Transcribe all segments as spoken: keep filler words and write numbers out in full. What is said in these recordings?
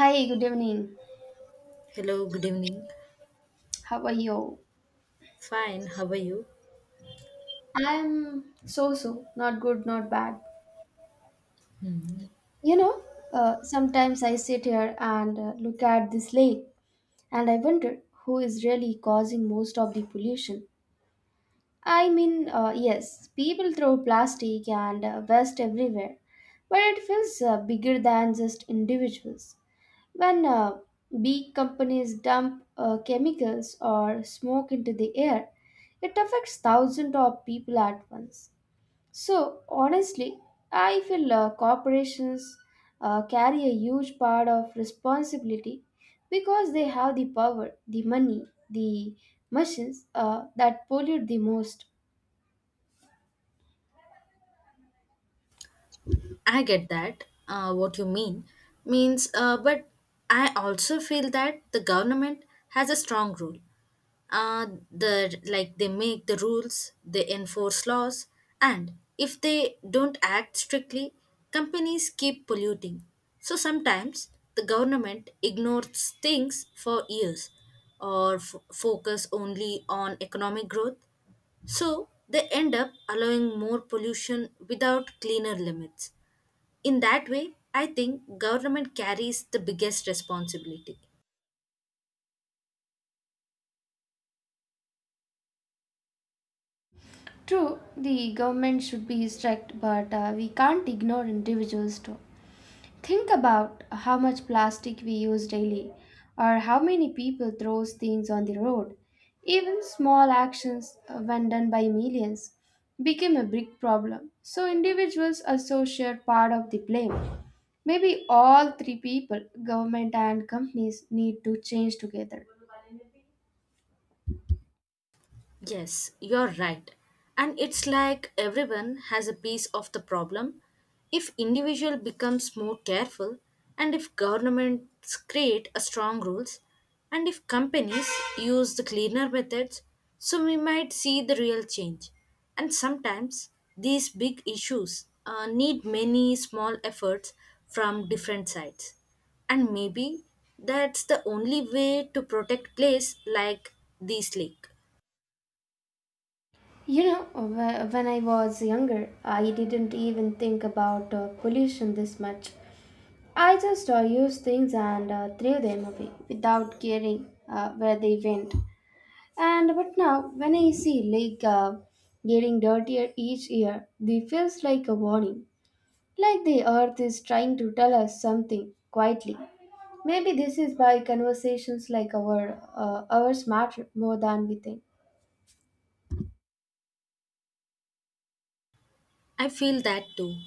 Hi, good evening. Hello, good evening. How are you? Fine, how are you? I'm so so, not good, not bad. Hmm. You know, uh, sometimes I sit here and uh, look at this lake and I wonder who is really causing most of the pollution. I mean, uh, yes, people throw plastic and uh, waste everywhere, but it feels uh, bigger than just individuals. When uh, big companies dump uh, chemicals or smoke into the air, it affects thousands of people at once. So, honestly, I feel uh, corporations uh, carry a huge part of responsibility because they have the power, the money, the machines uh, that pollute the most. I get that, uh, what you mean. Means, uh, but I also feel that the government has a strong role. Uh, the like they make the rules, they enforce laws, and if they don't act strictly, companies keep polluting. So sometimes the government ignores things for years, or f- focus only on economic growth. So they end up allowing more pollution without cleaner limits. In that way, I think government carries the biggest responsibility. True, the government should be strict, but uh, we can't ignore individuals too. Think about how much plastic we use daily, or how many people throws things on the road. Even small actions, uh, when done by millions, become a big problem. So individuals also share part of the blame. Maybe all three people, government and companies, need to change together. Yes, you're right. And it's like everyone has a piece of the problem. If individual becomes more careful and if governments create a strong rules and if companies use the cleaner methods, so we might see the real change. And sometimes these big issues uh, need many small efforts from different sides. And maybe that's the only way to protect place like this lake. You know, wh- when I was younger, I didn't even think about uh, pollution this much. I just uh, used things and uh, threw them away without caring uh, where they went. And but now, when I see lake uh, getting dirtier each year, it feels like a warning, like the earth is trying to tell us something quietly. Maybe this is why conversations like our uh, ours matter more than we think. I feel that too.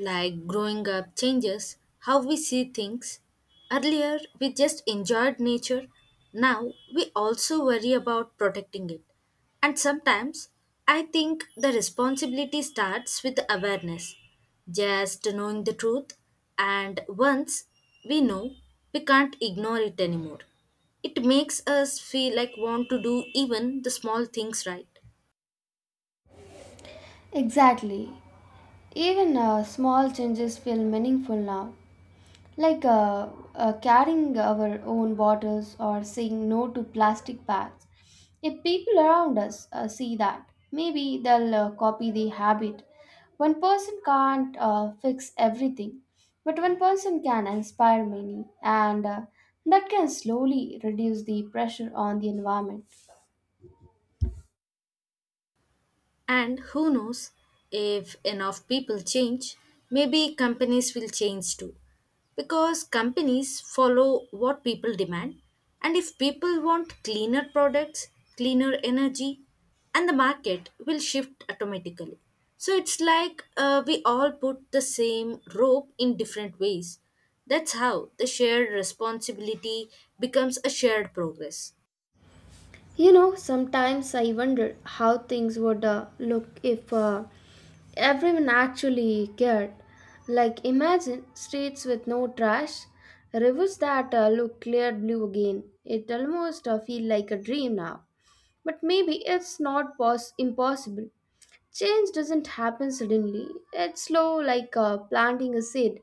Like growing up changes how we see things. Earlier, we just enjoyed nature. Now, we also worry about protecting it. And sometimes, I think the responsibility starts with the awareness. Just knowing the truth, and once we know, we can't ignore it anymore. It makes us feel like want to do even the small things right. Exactly. Even uh, small changes feel meaningful now, like uh, uh, carrying our own bottles or saying no to plastic bags. If people around us uh, see that, maybe they'll uh, copy the habit. One person can't uh, fix everything, but one person can inspire many, and uh, that can slowly reduce the pressure on the environment. And who knows, if enough people change, maybe companies will change too. Because companies follow what people demand. And if people want cleaner products, cleaner energy, and the market will shift automatically. So it's like uh, we all put the same rope in different ways. That's how the shared responsibility becomes a shared progress. You know, sometimes I wonder how things would uh, look if uh, everyone actually cared. Like, imagine streets with no trash, rivers that uh, look clear blue again. It almost uh, feels like a dream now. But maybe it's not pos- impossible. Change doesn't happen suddenly. It's slow, like uh, planting a seed.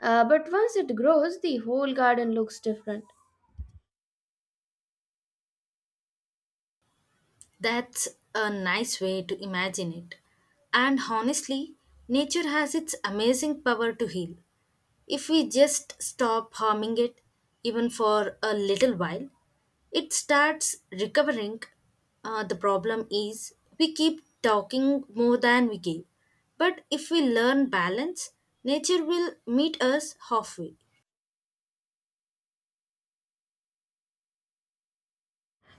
Uh, but once it grows, the whole garden looks different. That's a nice way to imagine it. And honestly, nature has its amazing power to heal. If we just stop harming it, even for a little while, it starts recovering. Uh, the problem is we keep talking more than we give. But if we learn balance, nature will meet us halfway.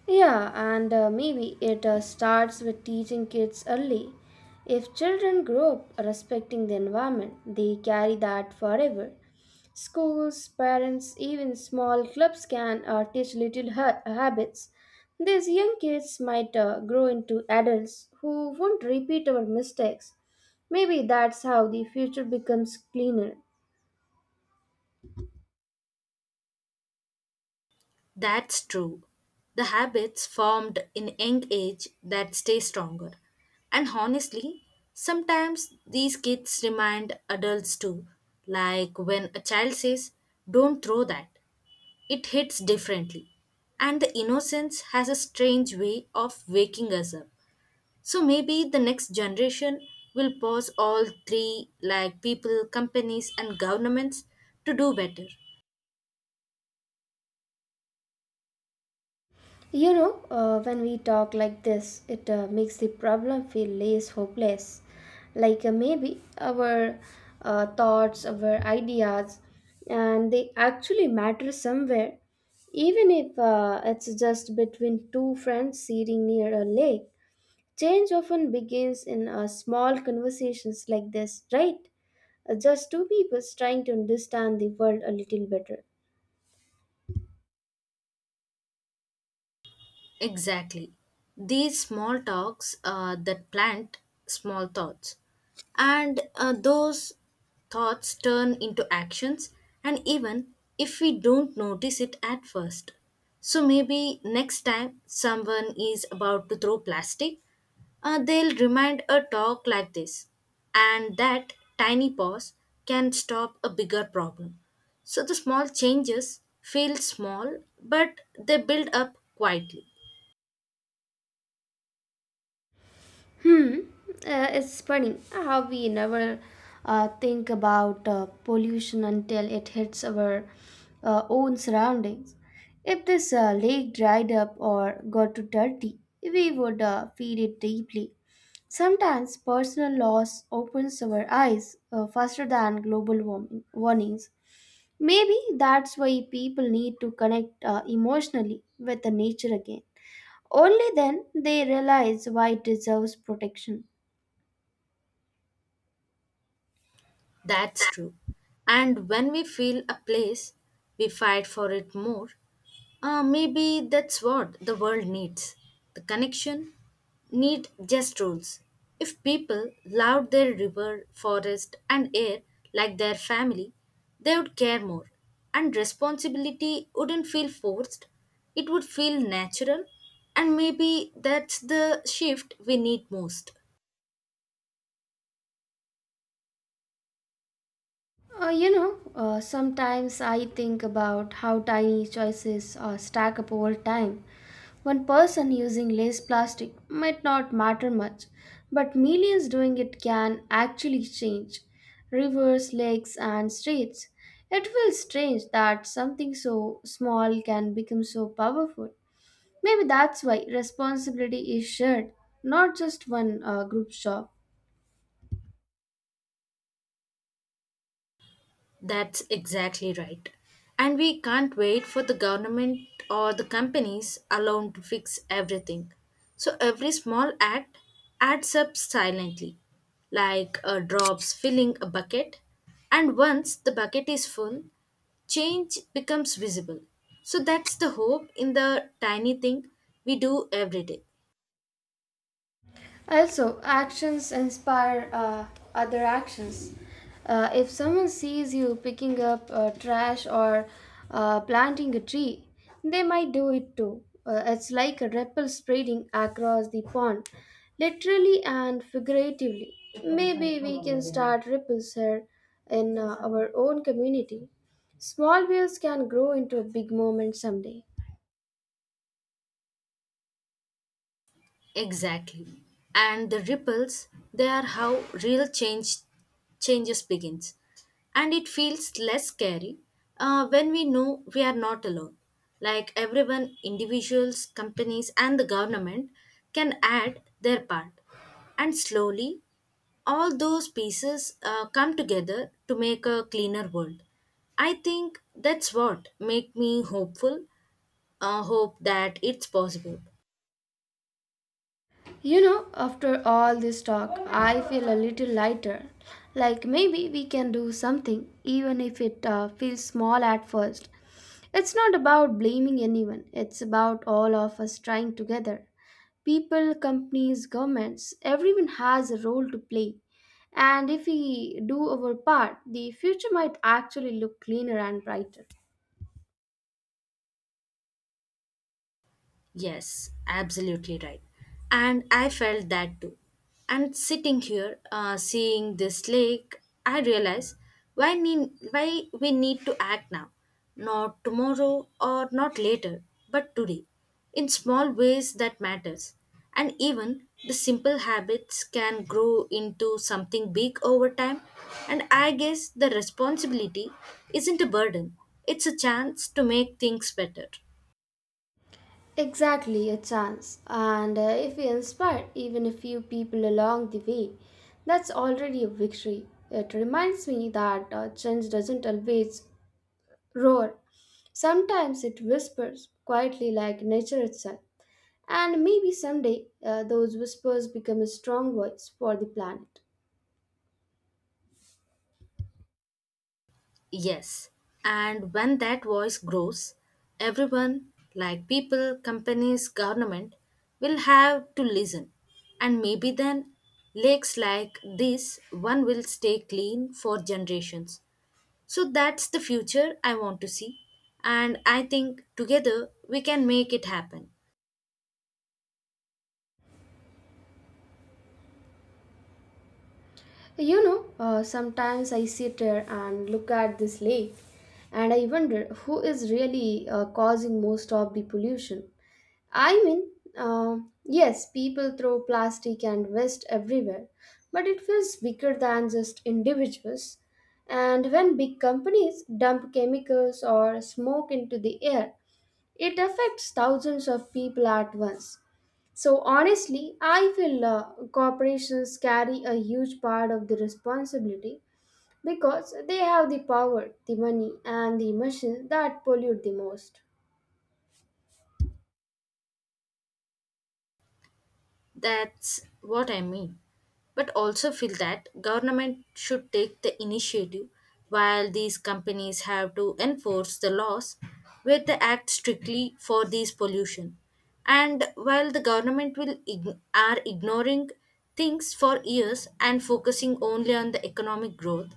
Yeah, and uh, maybe it uh, starts with teaching kids early. If children grow up respecting the environment, they carry that forever. Schools, parents, even small clubs can uh, teach little ha- habits. These young kids might uh, grow into adults who won't repeat our mistakes. Maybe that's how the future becomes cleaner. That's true. The habits formed in young age that stay stronger. And honestly, sometimes these kids remind adults too. Like when a child says, Don't throw that, it hits differently. And the innocence has a strange way of waking us up. So maybe the next generation will pause all three, like people, companies, and governments, to do better. You know, uh, when we talk like this, it uh, makes the problem feel less hopeless. Like uh, maybe our uh, thoughts, our ideas, and they actually matter somewhere, even if uh, it's just between two friends sitting near a lake. Change often begins in uh, small conversations like this, right? Uh, just two people trying to understand the world a little better. Exactly. These small talks uh, that plant small thoughts. And uh, those thoughts turn into actions, and even if we don't notice it at first. So maybe next time someone is about to throw plastic, uh, they'll remind a talk like this. And that tiny pause can stop a bigger problem. So the small changes feel small, but they build up quietly. Hmm. Uh, it's funny how we never uh, think about uh, pollution until it hits our uh, own surroundings. If this uh, lake dried up or got too dirty, we would uh, feel it deeply. Sometimes personal loss opens our eyes uh, faster than global warming warnings. Maybe that's why people need to connect uh, emotionally with the nature again. Only then they realize why it deserves protection. That's true. And when we feel a place, we fight for it more. Uh, maybe that's what the world needs. The connection need just rules. If people loved their river, forest, and air like their family, they would care more. And responsibility wouldn't feel forced, it would feel natural. And maybe that's the shift we need most. Uh, you know, uh, sometimes I think about how tiny choices uh, stack up over time. One person using less plastic might not matter much, but millions doing it can actually change rivers, lakes, and streets. It feels strange that something so small can become so powerful. Maybe that's why responsibility is shared, not just one uh, group job. That's exactly right. And we can't wait for the government or the companies alone to fix everything. So every small act adds up silently, like a drops filling a bucket. And once the bucket is full, change becomes visible. So that's the hope in the tiny thing we do every day. Also, actions inspire uh, other actions. Uh, if someone sees you picking up uh, trash or uh, planting a tree, they might do it too. Uh, it's like a ripple spreading across the pond, literally and figuratively. Maybe we can start ripples here in uh, our own community. Small waves can grow into a big moment someday. Exactly. And the ripples, they are how real change changes begins. And it feels less scary uh, when we know we are not alone. Like everyone, individuals, companies, and the government can add their part. And slowly, all those pieces uh, come together to make a cleaner world. I think that's what make me hopeful. Uh, hope that it's possible. You know, after all this talk, I feel a little lighter. Like maybe we can do something, even if it uh, feels small at first. It's not about blaming anyone, it's about all of us trying together. People, companies, governments, everyone has a role to play. And if we do our part, the future might actually look cleaner and brighter. Yes, absolutely right. And I felt that too. And sitting here, uh, seeing this lake, I realize why need, why we need to act now, not tomorrow or not later, but today, in small ways that matters. And even the simple habits can grow into something big over time. And I guess the responsibility isn't a burden; it's a chance to make things better. Exactly, a chance. And uh, if we inspire even a few people along the way, that's already a victory. It reminds me that uh, change doesn't always roar. Sometimes it whispers quietly like nature itself. And maybe someday uh, those whispers become a strong voice for the planet. Yes. And when that voice grows, everyone, like people, companies, government, will have to listen. And maybe then lakes like this one will stay clean for generations. So that's the future I want to see. And I think together we can make it happen. You know, uh, sometimes I sit here and look at this lake and I wonder who is really uh, causing most of the pollution. I mean, uh, yes, people throw plastic and waste everywhere, but it feels bigger than just individuals. And when big companies dump chemicals or smoke into the air, it affects thousands of people at once. So, honestly, I feel uh, corporations carry a huge part of the responsibility because they have the power, the money, and the machines that pollute the most. That's what I mean. But also feel that government should take the initiative while these companies have to enforce the laws where they act strictly for these pollution. And while the government will ign- are ignoring things for years and focusing only on the economic growth,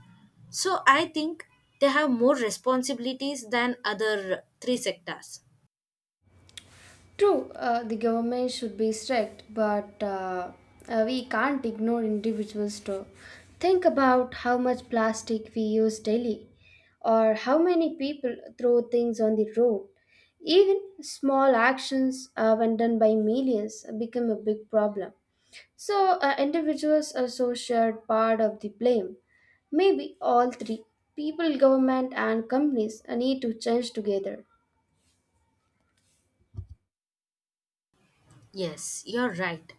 so I think they have more responsibilities than other three sectors. True, uh, the government should be strict, but uh, uh, we can't ignore individuals too. Think about how much plastic we use daily, or how many people throw things on the road. Even small actions, uh, when done by millions, become a big problem. So, uh, individuals are so shared part of the blame. Maybe all three people, government, and companies uh, need to change together. Yes, you're right.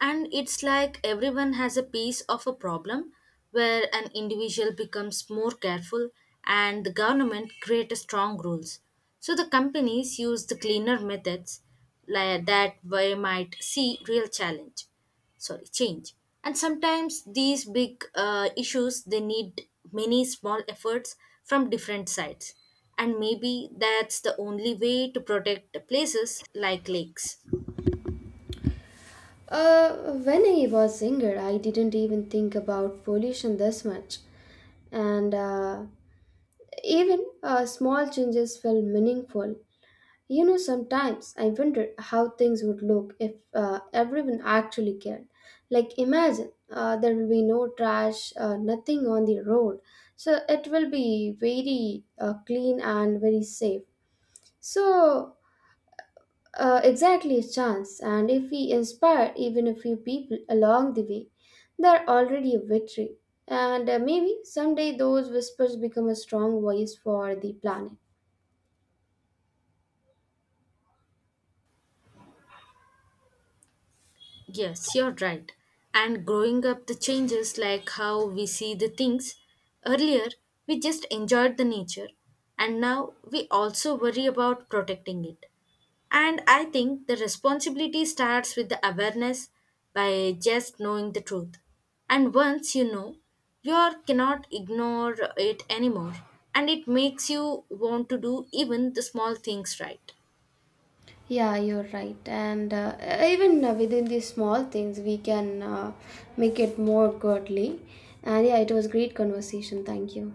And it's like everyone has a piece of a problem where an individual becomes more careful and the government create a strong rules. So the companies use the cleaner methods like that we might see real challenge. Sorry, change. And sometimes these big uh, issues they need many small efforts from different sides. And maybe that's the only way to protect places like lakes. Uh, when I was younger, I didn't even think about pollution this much, and uh, even uh, small changes felt meaningful. You know, sometimes I wondered how things would look if uh, everyone actually cared. Like, imagine uh, there will be no trash, uh, nothing on the road, so it will be very uh, clean and very safe. So uh, exactly a chance, and if we inspire even a few people along the way, they're already a victory. And uh, maybe someday those whispers become a strong voice for the planet. Yes, you're right. And growing up, the changes like how we see the things. Earlier, we just enjoyed the nature, and now we also worry about protecting it. And I think the responsibility starts with the awareness by just knowing the truth. And once you know, you are- cannot ignore it anymore, and it makes you want to do even the small things right. Yeah, you're right. And uh, even uh, within these small things, we can uh, make it more godly. And yeah, it was great conversation. Thank you.